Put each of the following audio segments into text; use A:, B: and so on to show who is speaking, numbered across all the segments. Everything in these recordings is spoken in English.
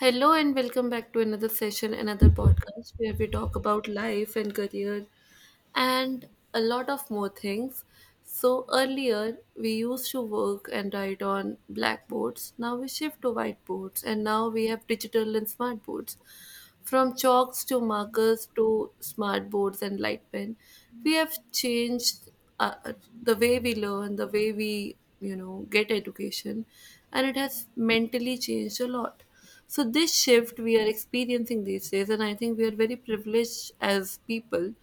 A: Hello and welcome back to another session, another podcast where we talk about life and career and a lot of more things. So earlier we used to work and write on blackboards. Now we shift to whiteboards and now we have digital and smart boards. From chalks to markers to smart boards and light pen, we have changed uh, the way we learn, the way we get education, and it has mentally changed a lot. So this shift we are experiencing these days, and I think we are very privileged as people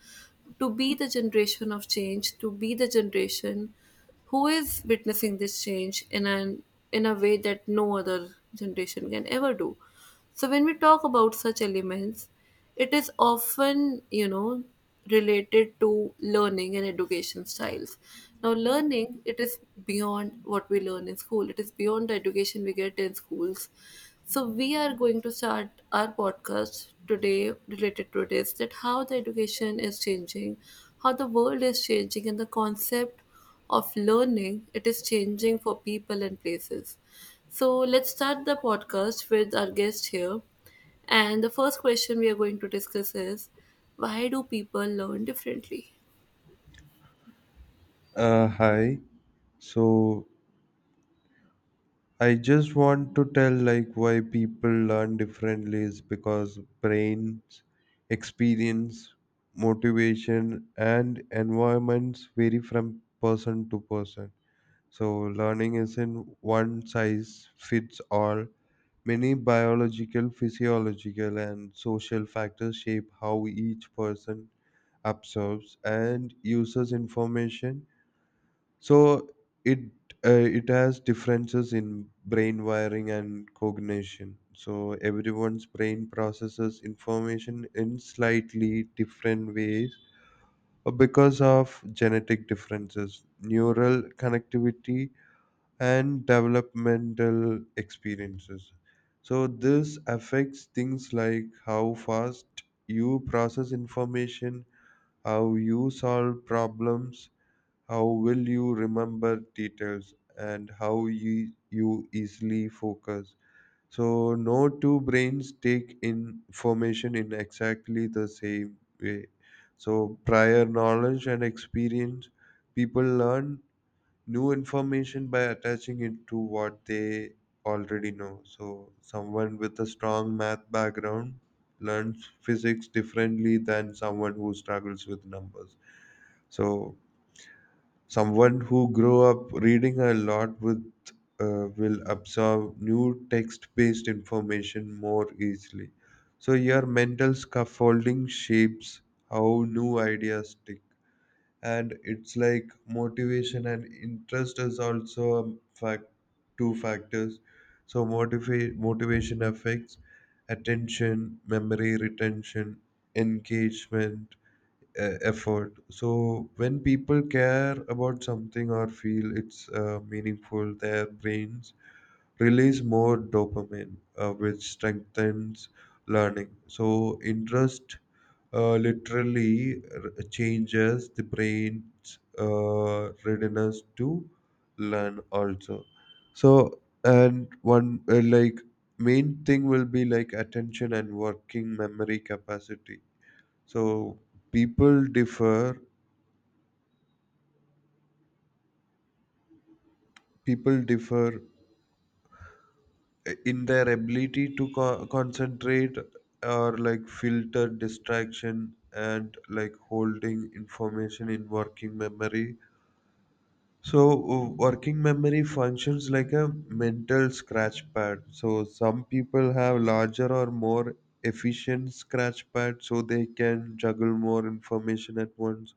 A: to be the generation of change, to be the generation who is witnessing this change in an in a way that no other generation can ever do. So when we talk about such elements, it is often, related to learning and education styles. Now learning, it is beyond what we learn in school. It is beyond the education we get in schools. So we are going to start our podcast today related to this, that how the education is changing, how the world is changing and the concept of learning it is changing for people and places. So let's start the podcast with our guest here. And the first question we are going to discuss is, why do people learn differently?
B: Hi. So I just want to tell like why people learn differently is because brains, experience, motivation, and environments vary from person to person. So learning isn't one size fits all. Many biological, physiological, and social factors shape how each person absorbs and uses information. So it it has differences in brain wiring and cognition. So everyone's brain processes information in slightly different ways because of genetic differences, neural connectivity, and developmental experiences. So this affects things like how fast you process information, how you solve problems, how will you remember details, and how you easily focus. So no two brains take information in exactly the same way. So, prior knowledge and experience, people learn new information by attaching it to what they already know. So someone with a strong math background learns physics differently than someone who struggles with numbers. So someone who grew up reading a lot with will absorb new text-based information more easily. So your mental scaffolding shapes how new ideas stick, and it's like motivation and interest is also a fact two factors. So motivation affects attention, memory retention, engagement, effort. So when people care about something or feel it's meaningful, their brains release more dopamine, which strengthens learning. So interest literally changes the brain's readiness to learn also. So and one like main thing will be like attention and working memory capacity. So people differ people differ in their ability to concentrate or like filter distraction and like holding information in working memory. So working memory functions like a mental scratch pad. So some people have larger or more efficient scratch pad, so they can juggle more information at once.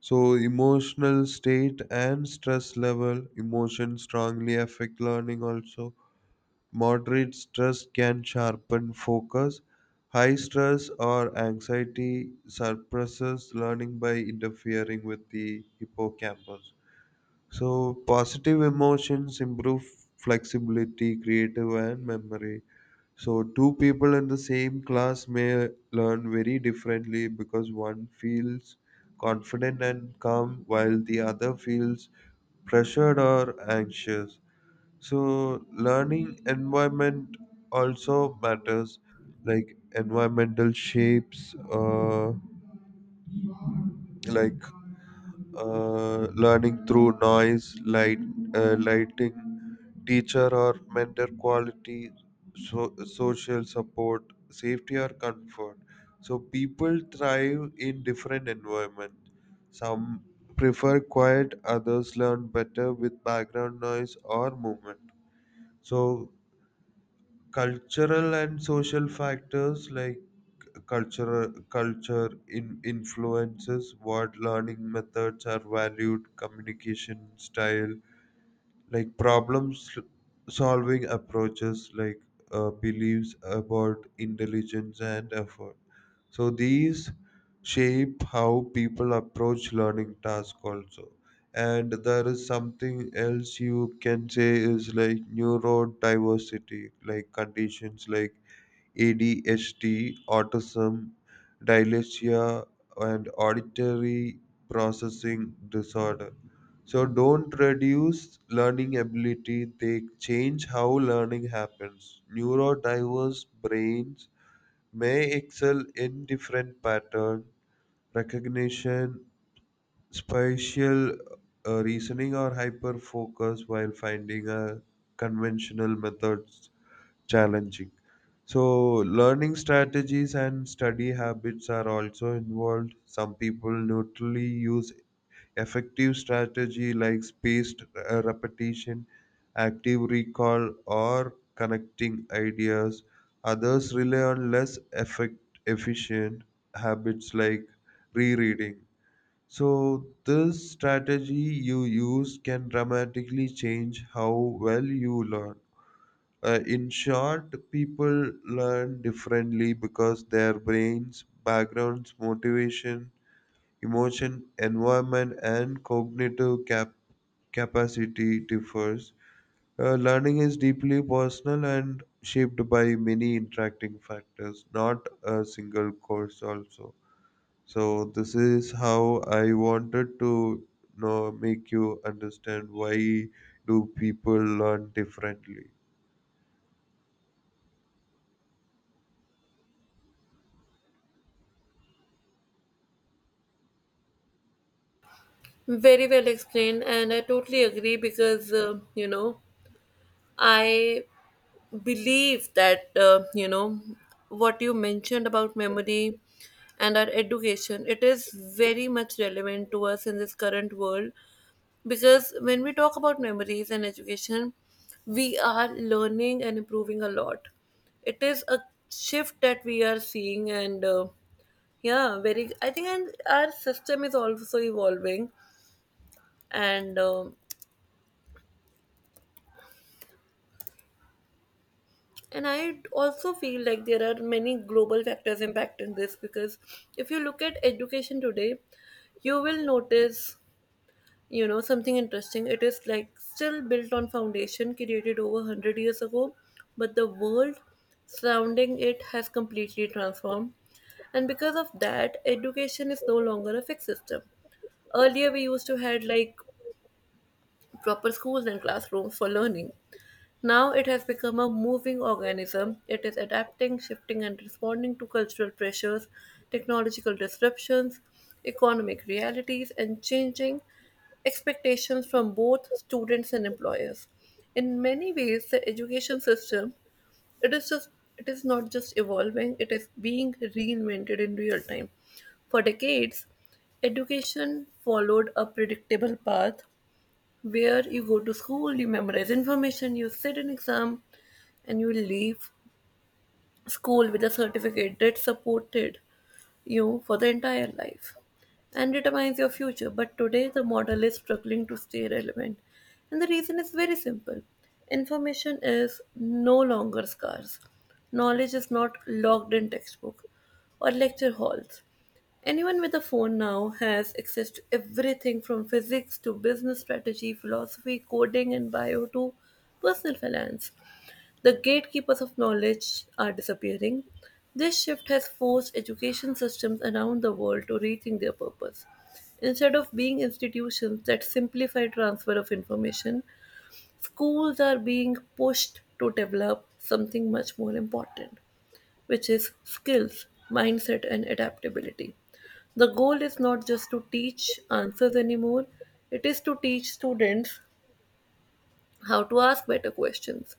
B: So emotional state and stress level emotion strongly affect learning also. Moderate stress can sharpen focus. High stress or anxiety suppresses learning by interfering with the hippocampus. So positive emotions improve flexibility, creative, and memory. So two people in the same class may learn very differently because one feels confident and calm while the other feels pressured or anxious. So learning environment also matters, like environmental shapes, like learning through noise, light, lighting, teacher or mentor quality, so social support, safety or comfort. So people thrive in different environments. Some prefer quiet, others learn better with background noise or movement. So cultural and social factors like cultural culture in influences what learning methods are valued, communication style, like solving approaches, like beliefs about intelligence and effort. So these shape how people approach learning task also. And there is something else you can say is like neurodiversity, like conditions like ADHD, autism, dyslexia, and auditory processing disorder. So don't reduce learning ability, they change how learning happens. Neurodiverse brains may excel in different pattern recognition, spatial reasoning or hyper focus while finding a conventional methods challenging. So learning strategies and study habits are also involved. Some people neutrally use effective strategy like spaced repetition, active recall, or connecting ideas. Others rely on less effect efficient habits like rereading. So this strategy you use can dramatically change how well you learn. In short, people learn differently because their brains, backgrounds, motivation, emotion, environment, and cognitive capacity differs. Learning is deeply personal and shaped by many interacting factors, not a single course. Also, so this is how I wanted to make you understand why do people learn differently.
A: Very well explained, and I totally agree because, I believe that what you mentioned about memory and our education, it is very much relevant to us in this current world, because when we talk about memories and education we are learning and improving a lot. It is a shift that we are seeing, and yeah, very, I think, and our system is also evolving, and um and I also feel like there are many global factors impacting this, because if you look at education today, you will notice, you know, something interesting. It is like still built on foundation created over 100 years ago, but the world surrounding it has completely transformed. And because of that, education is no longer a fixed system. Earlier we used to had like proper schools and classrooms for learning. Now it has become a moving organism. It is adapting, shifting, and responding to cultural pressures, technological disruptions, economic realities, and changing expectations from both students and employers. In many ways, the education system, it is just it is not just evolving; it is being reinvented in real time. For decades, education followed a predictable path where you go to school, you memorize information, you sit an exam, and you leave school with a certificate that supported you for the entire life and determines your future. But today, the model is struggling to stay relevant. And the reason is very simple. Information is no longer scarce, knowledge is not locked in textbook or lecture halls. Anyone with a phone now has access to everything from physics to business strategy, philosophy, coding, and bio to personal finance. The gatekeepers of knowledge are disappearing. This shift has forced education systems around the world to rethink their purpose. Instead of being institutions that simplify transfer of information, schools are being pushed to develop something much more important, which is skills, mindset, and adaptability. The goal is not just to teach answers anymore, it is to teach students how to ask better questions,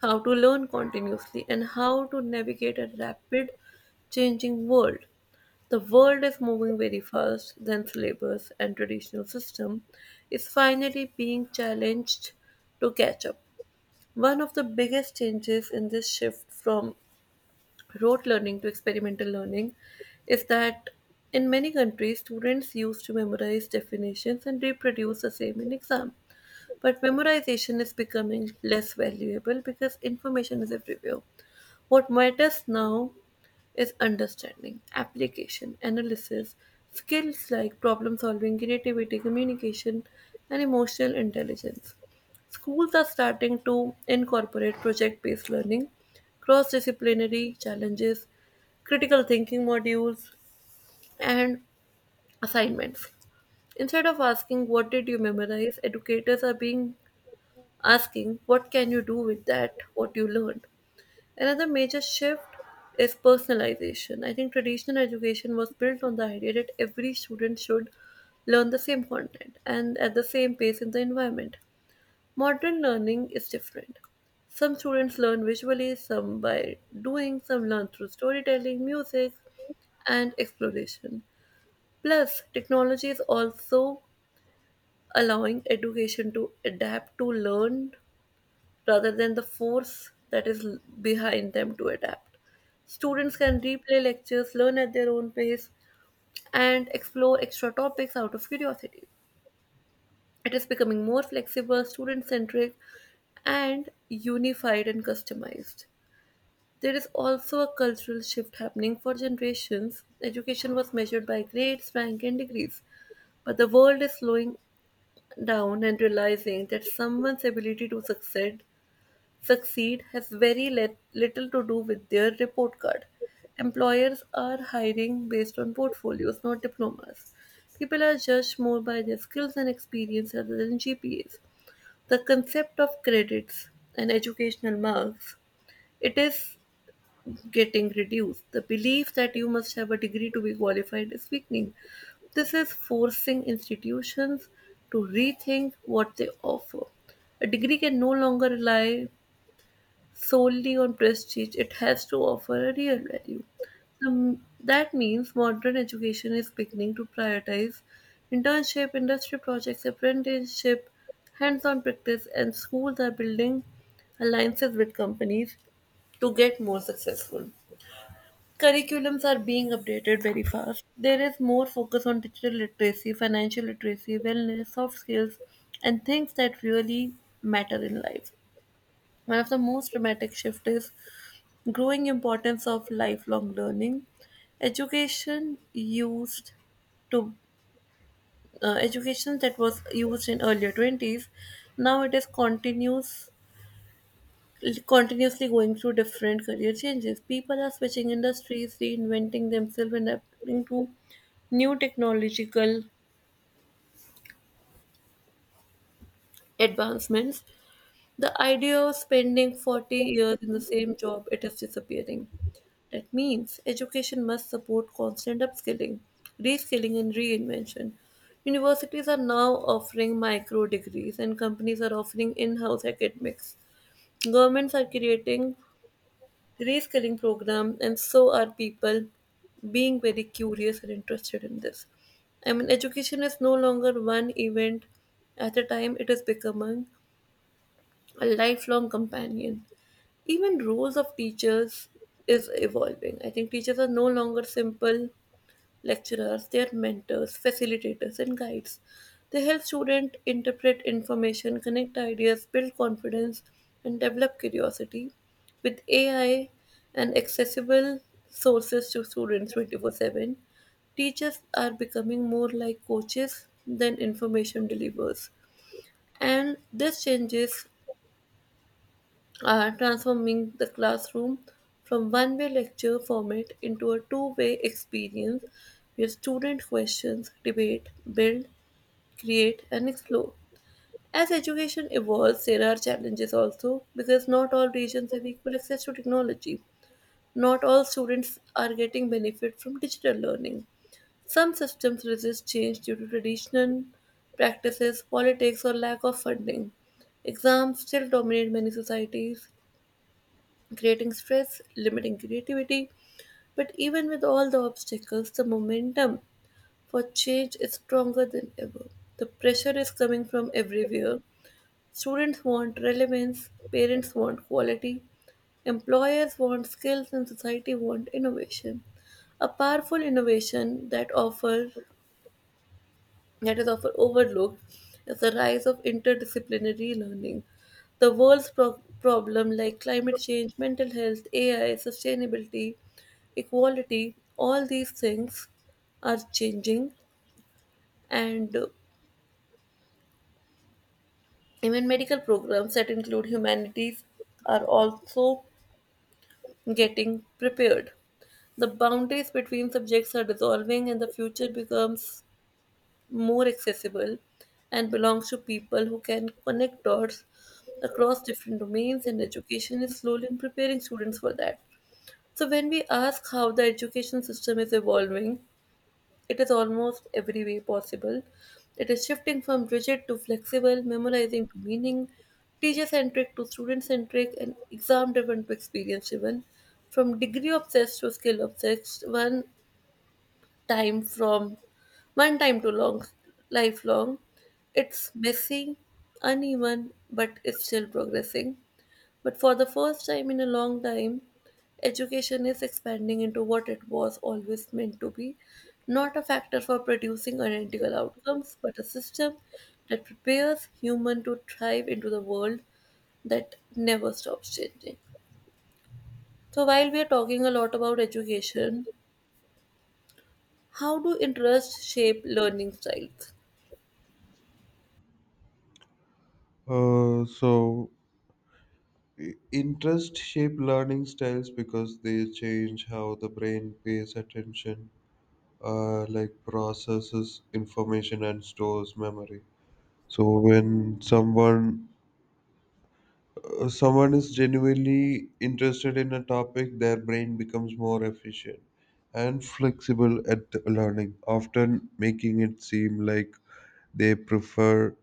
A: how to learn continuously, and how to navigate a rapid changing world. The world is moving very fast, then syllabus and traditional system is finally being challenged to catch up. One of the biggest changes in this shift from rote learning to experimental learning is that in many countries students used to memorize definitions and reproduce the same in exam. But memorization is becoming less valuable because information is everywhere. What matters now is understanding, application, analysis, skills like problem solving, creativity, communication, and emotional intelligence. Schools are starting to incorporate project based learning, cross disciplinary challenges, critical thinking modules, and assignments. Instead of asking, "What did you memorize?" educators are being asking, what can you do with that what you learned? Another major shift is personalization. I think traditional education was built on the idea that every student should learn the same content and at the same pace in the environment. Modern learning is different. Some students learn visually, some by doing, some learn through storytelling, music, and exploration. Plus, technology is also allowing education to adapt to learn rather than the force that is behind them to adapt. Students can replay lectures, learn at their own pace, and explore extra topics out of curiosity. It is becoming more flexible, student centric, and unified and customized. There is also a cultural shift happening for generations. Education was measured by grades, rank, and degrees, but the world is slowing down and realizing that someone's ability to succeed has very little to do with their report card. Employers are hiring based on portfolios, not diplomas. People are judged more by their skills and experience rather than GPAs. The concept of credits and educational marks, it is getting reduced. The belief that you must have a degree to be qualified is weakening. This is forcing institutions to rethink what they offer. A degree can no longer rely solely on prestige, it has to offer a real value. That means modern education is beginning to prioritize internship, industry projects, apprenticeship, hands on practice, and schools are building alliances with companies to get more successful. Curriculums are being updated very fast. There is more focus on digital literacy, financial literacy, wellness, soft skills, and things that really matter in life. One of the most dramatic shifts is growing importance of lifelong learning. Education used to Education that was used in earlier 20s, now it is continuously going through different career changes. People are switching industries, reinventing themselves and adapting to new technological advancements. The idea of spending 40 years in the same job, it is disappearing. That means education must support constant upskilling, reskilling, and reinvention. Universities are now offering micro degrees, and companies are offering in house academics. Governments are creating reskilling programs, and so are people being very curious and interested in this. I mean, education is no longer one event at a time, it is becoming a lifelong companion. Even roles of teachers is evolving. I think teachers are no longer simple lecturers, they are mentors, facilitators and guides. They help students interpret information, connect ideas, build confidence and develop curiosity. With AI and accessible sources to students 24/7, teachers are becoming more like coaches than information delivers, and this changes transforming the classroom from one way lecture format into a two-way experience where students questions, debate, build, create, and explore. As education evolves, there are challenges also because not all regions have equal access to technology. Not all students are getting benefit from digital learning. Some systems resist change due to traditional practices, politics, or lack of funding. Exams still dominate many societies, creating stress, limiting creativity. But even with all the obstacles, the momentum for change is stronger than ever. The pressure is coming from everywhere. Students want relevance, parents want quality, employers want skills, and society want innovation. A powerful innovation that offers that is often overlooked is the rise of interdisciplinary learning. The world's problem like climate change, mental health, AI, sustainability, equality, all these things are changing, and even medical programs that include humanities are also getting prepared. The boundaries between subjects are dissolving and the future becomes more accessible, and belongs to people who can connect dots across different domains, and education is slowly preparing students for that. So, when we ask how the education system is evolving, it is almost every way possible. It is shifting from rigid to flexible, memorizing to meaning, teacher centric to student centric, and exam driven to experience driven. From degree obsessed to skill obsessed, one time from one time to long lifelong. It's messy, uneven, but it's still progressing. But for the first time in a long time, education is expanding into what it was always meant to be, not a factor for producing identical outcomes, but a system that prepares human to thrive into the world that never stops changing. So, while we are talking a lot about education, how do interests shape learning styles?
B: So interest shape learning styles because they change how the brain pays attention, like processes information and stores memory. So when someone is genuinely interested in a topic, their brain becomes more efficient and flexible at learning, often making it seem like they prefer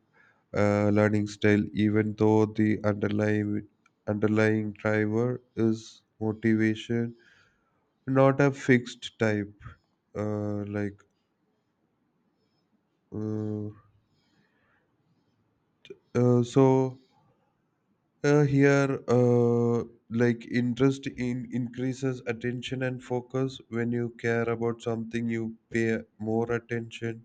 B: learning style, even though the underlying driver is motivation, not a fixed type. Like uh, so here, like interest in increases attention and focus. When you care about something, you pay more attention.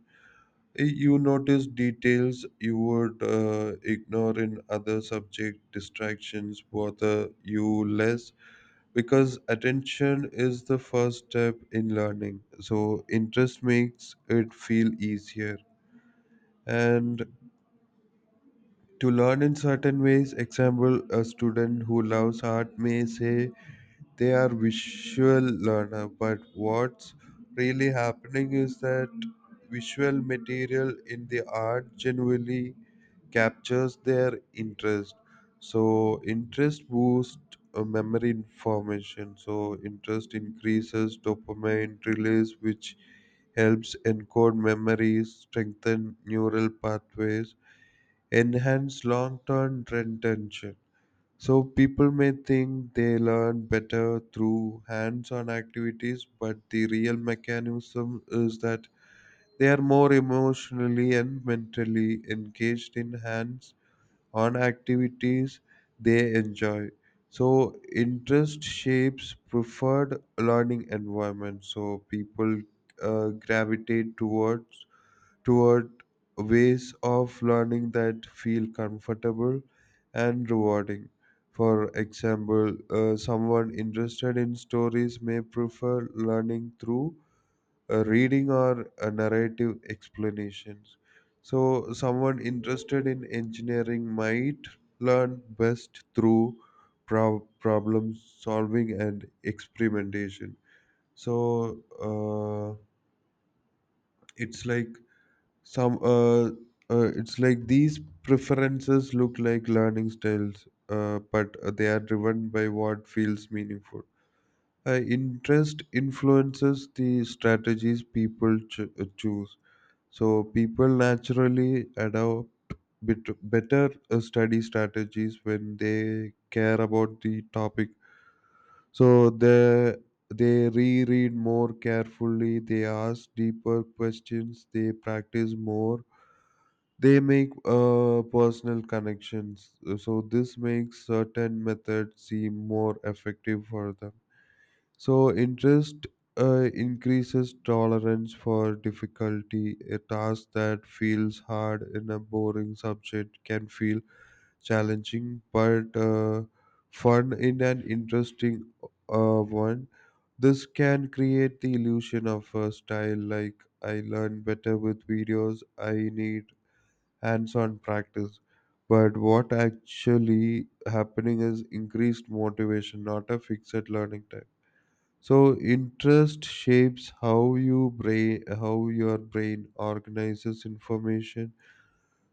B: You notice details you would ignore in other subject. Distractions bother you less because attention is the first step in learning. So interest makes it feel easier and to learn in certain ways. Example, a student who loves art may say they are visual learner, but what's really happening is that visual material in the art generally captures their interest. So interest boosts memory information. So interest increases dopamine release, which helps encode memories, strengthen neural pathways, enhance long-term retention. So people may think they learn better through hands-on activities, but the real mechanism is that they are more emotionally and mentally engaged in hands-on activities they enjoy. So interest shapes preferred learning environment. So people gravitate toward ways of learning that feel comfortable and rewarding. For example, someone interested in stories may prefer learning through reading or narrative explanations. So someone interested in engineering might learn best through problem solving and experimentation. So, uh, it's like some it's like these preferences look like learning styles, but they are driven by what feels meaningful. Interest influences the strategies people choose. So people naturally adopt better study strategies when they care about the topic. So they reread more carefully, they ask deeper questions, they practice more, they make personal connections. Uh, so this makes certain methods seem more effective for them. So interest increases tolerance for difficulty. A task that feels hard in a boring subject can feel challenging but fun in an interesting one. This can create the illusion of a style like I learn better with videos, I need hands-on practice. But what actually happening is increased motivation, not a fixed learning time. So interest shapes how your brain organizes information.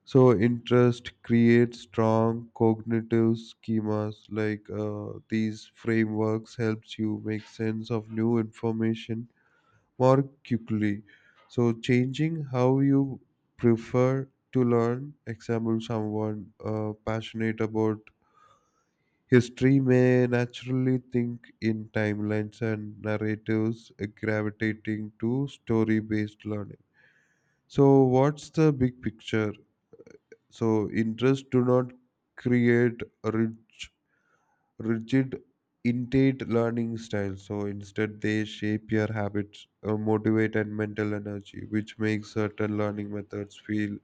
B: So interest creates strong cognitive schemas like these frameworks helps you make sense of new information more quickly. So, changing how you prefer to learn, example, someone passionate about history may naturally think in timelines and narratives, gravitating to story based learning. So what's the big picture? So interests do not create rigid intake learning style. So instead, they shape your habits, motivate, and mental energy, which makes certain learning methods feel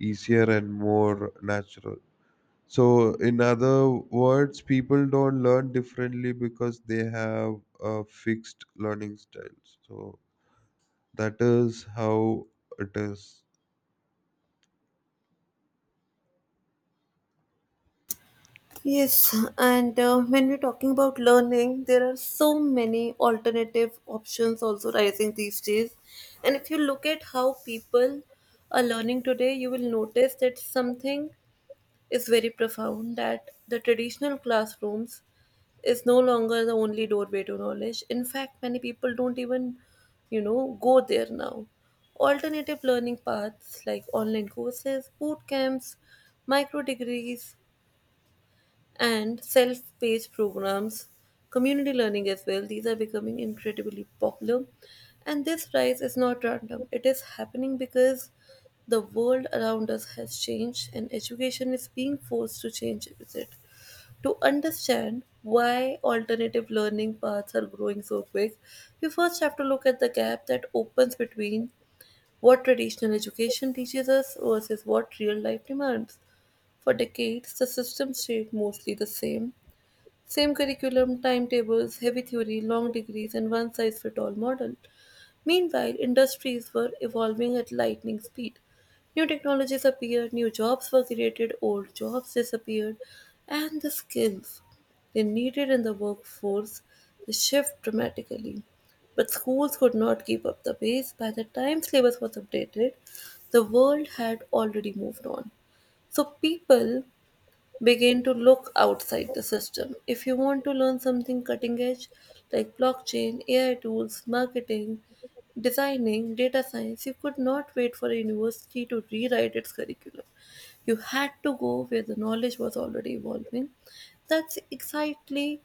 B: easier and more natural. So in other words, people don't learn differently because they have fixed learning styles. So that is how it is.
A: Yes, and when we're talking about learning, there are so many alternative options also rising these days. And if you look at how people are learning today, you will notice that something is very profound, that the traditional classrooms is no longer the only doorway to knowledge. In fact, many people don't even, you know, go there now. Alternative learning paths like online courses, boot camps, micro degrees, and self-paced programs, community learning as well. These are becoming incredibly popular. And this rise is not random. It is happening because the world around us has changed and education is being forced to change with it. To understand why alternative learning paths are growing so quick, we first have to look at the gap that opens between what traditional education teaches us versus what real life demands. For decades, the system stayed mostly the same curriculum, timetables, heavy theory, long degrees, and one size fits all model. Meanwhile, industries were evolving at lightning speed. New technologies appeared, new jobs were created, old jobs disappeared, and the skills they needed in the workforce shift dramatically. But schools could not keep up the pace. By the time syllabus was updated, the world had already moved on. So people begin to look outside the system. If you want to learn something cutting edge like blockchain, AI tools, marketing, designing, data science, you could not wait for a university to rewrite its curriculum. You had to go where the knowledge was already evolving. That's exactly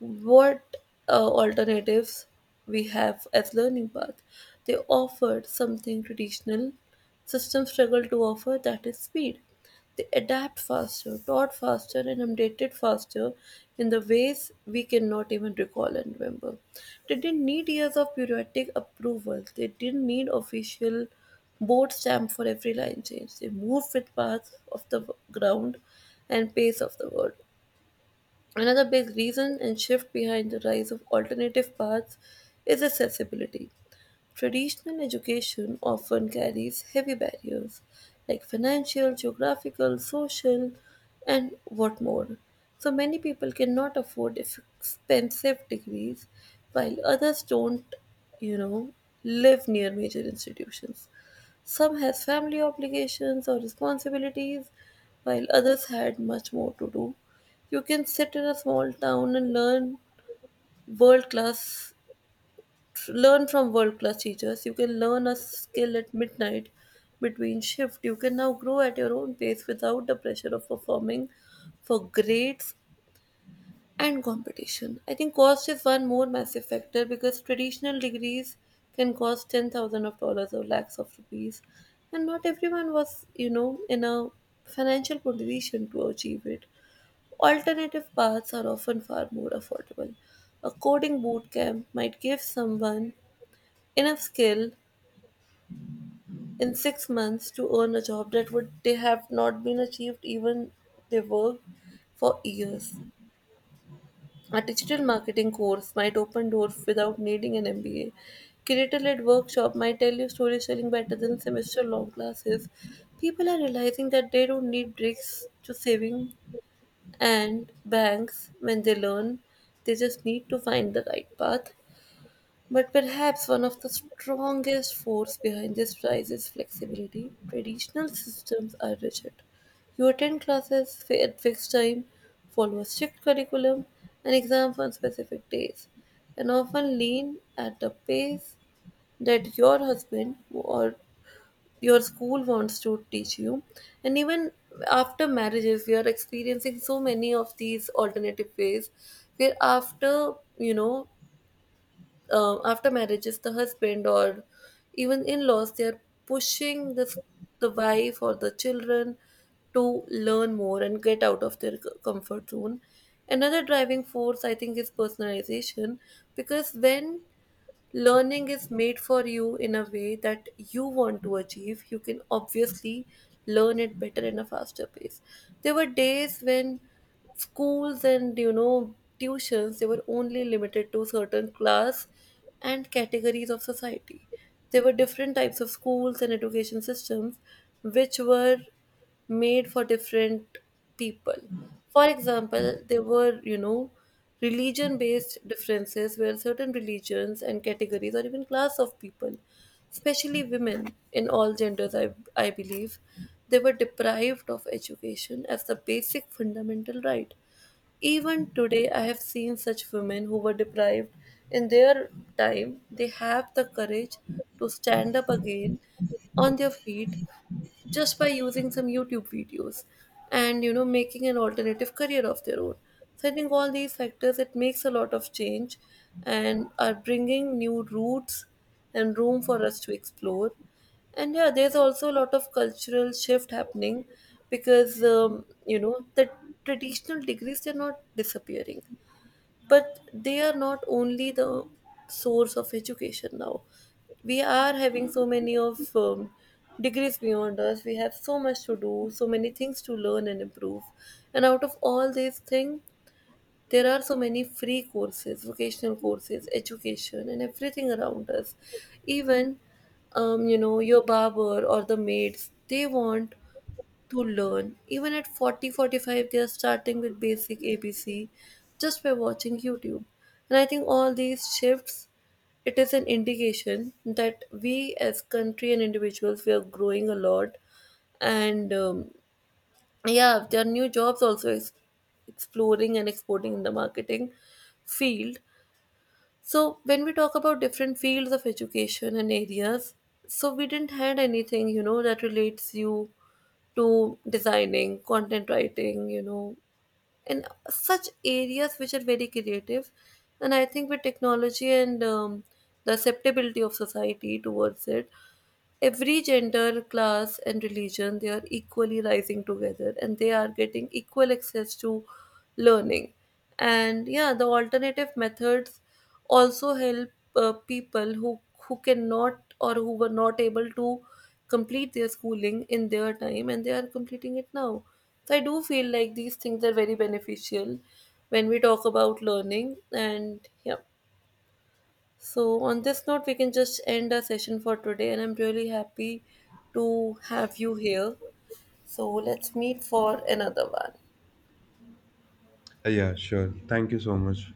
A: what alternatives we have as learning path, they offered something traditional systems struggle to offer, that is speed. They adapt faster, taught faster, and updated faster in the ways we cannot even recall and remember. They didn't need years of bureaucratic approval, they didn't need official board stamp for every line change. They moved with paths of the ground and pace of the world. Another big reason and shift behind the rise of alternative paths is accessibility. Traditional education often carries heavy barriers like financial, geographical, social, and what more. So many people cannot afford expensive degrees, while others don't, you know, live near major institutions. Some has family obligations or responsibilities, while others had much more to do. You can sit in a small town and learn world class, learn from world class teachers. You can learn a skill at midnight between shift. You can now grow at your own pace without the pressure of performing for grades and competition. I think cost is one more massive factor, because traditional degrees can cost 10,000 of dollars or lakhs of rupees, and not everyone was, in a financial position to achieve it. Alternative paths are often far more affordable. A coding bootcamp might give someone enough skill in 6 months to earn a job that would they have not been achieved even they worked for years. A digital marketing course might open doors without needing an MBA. Creator-led workshop might tell you storytelling better than semester-long classes. People are realizing that they don't need breaks to saving and banks, when they learn, they just need to find the right path. But perhaps one of the strongest force behind this rise is flexibility. Traditional systems are rigid. You attend classes at fixed time, follow a strict curriculum, and exams on specific days, and often lean at the pace that your husband or your school wants to teach you. And even after marriages, we are experiencing so many of these alternative ways where after after marriages, the husband or even in-laws, they are pushing this, the wife or the children, to learn more and get out of their comfort zone. Another driving force, I think, is personalization, because when learning is made for you in a way that you want to achieve, you can obviously learn it better in a faster pace. There were days when schools and tuitions, they were only limited to certain class and categories of society. There were different types of schools and education systems which were made for different people. For example, there were, religion based differences where certain religions and categories or even class of people, especially women in all genders, I believe, they were deprived of education as the basic fundamental right. Even today, I have seen such women who were deprived in their time, they have the courage to stand up again on their feet just by using some YouTube videos and making an alternative career of their own. So I think all these factors, it makes a lot of change and are bringing new routes and room for us to explore. And yeah, there's also a lot of cultural shift happening because the traditional degrees, they're not disappearing, but they are not only the source of education now. We are having so many of degrees beyond us. We have so much to do, so many things to learn and improve, and out of all these things, there are so many free courses, vocational courses, education, and everything around us. Even your barber or the maids, they want to learn. Even at 40, 45, they are starting with basic ABC just by watching YouTube. And I think all these shifts, it is an indication that we as country and individuals, we are growing a lot. And yeah, there are new jobs also exploring and exporting in the marketing field. So when we talk about different fields of education and areas, so we didn't had anything, that relates you to designing, content writing, and such areas which are very creative. And I think with technology and the acceptability of society towards it, every gender, class, and religion, they are equally rising together and they are getting equal access to learning. And yeah, the alternative methods also help people who cannot or who were not able to complete their schooling in their time, and they are completing it now. So I do feel like these things are very beneficial when we talk about learning. And yeah. So, on this note, we can just end our session for today, and I'm really happy to have you here. So, let's meet for another one.
B: Yeah, sure. Thank you so much.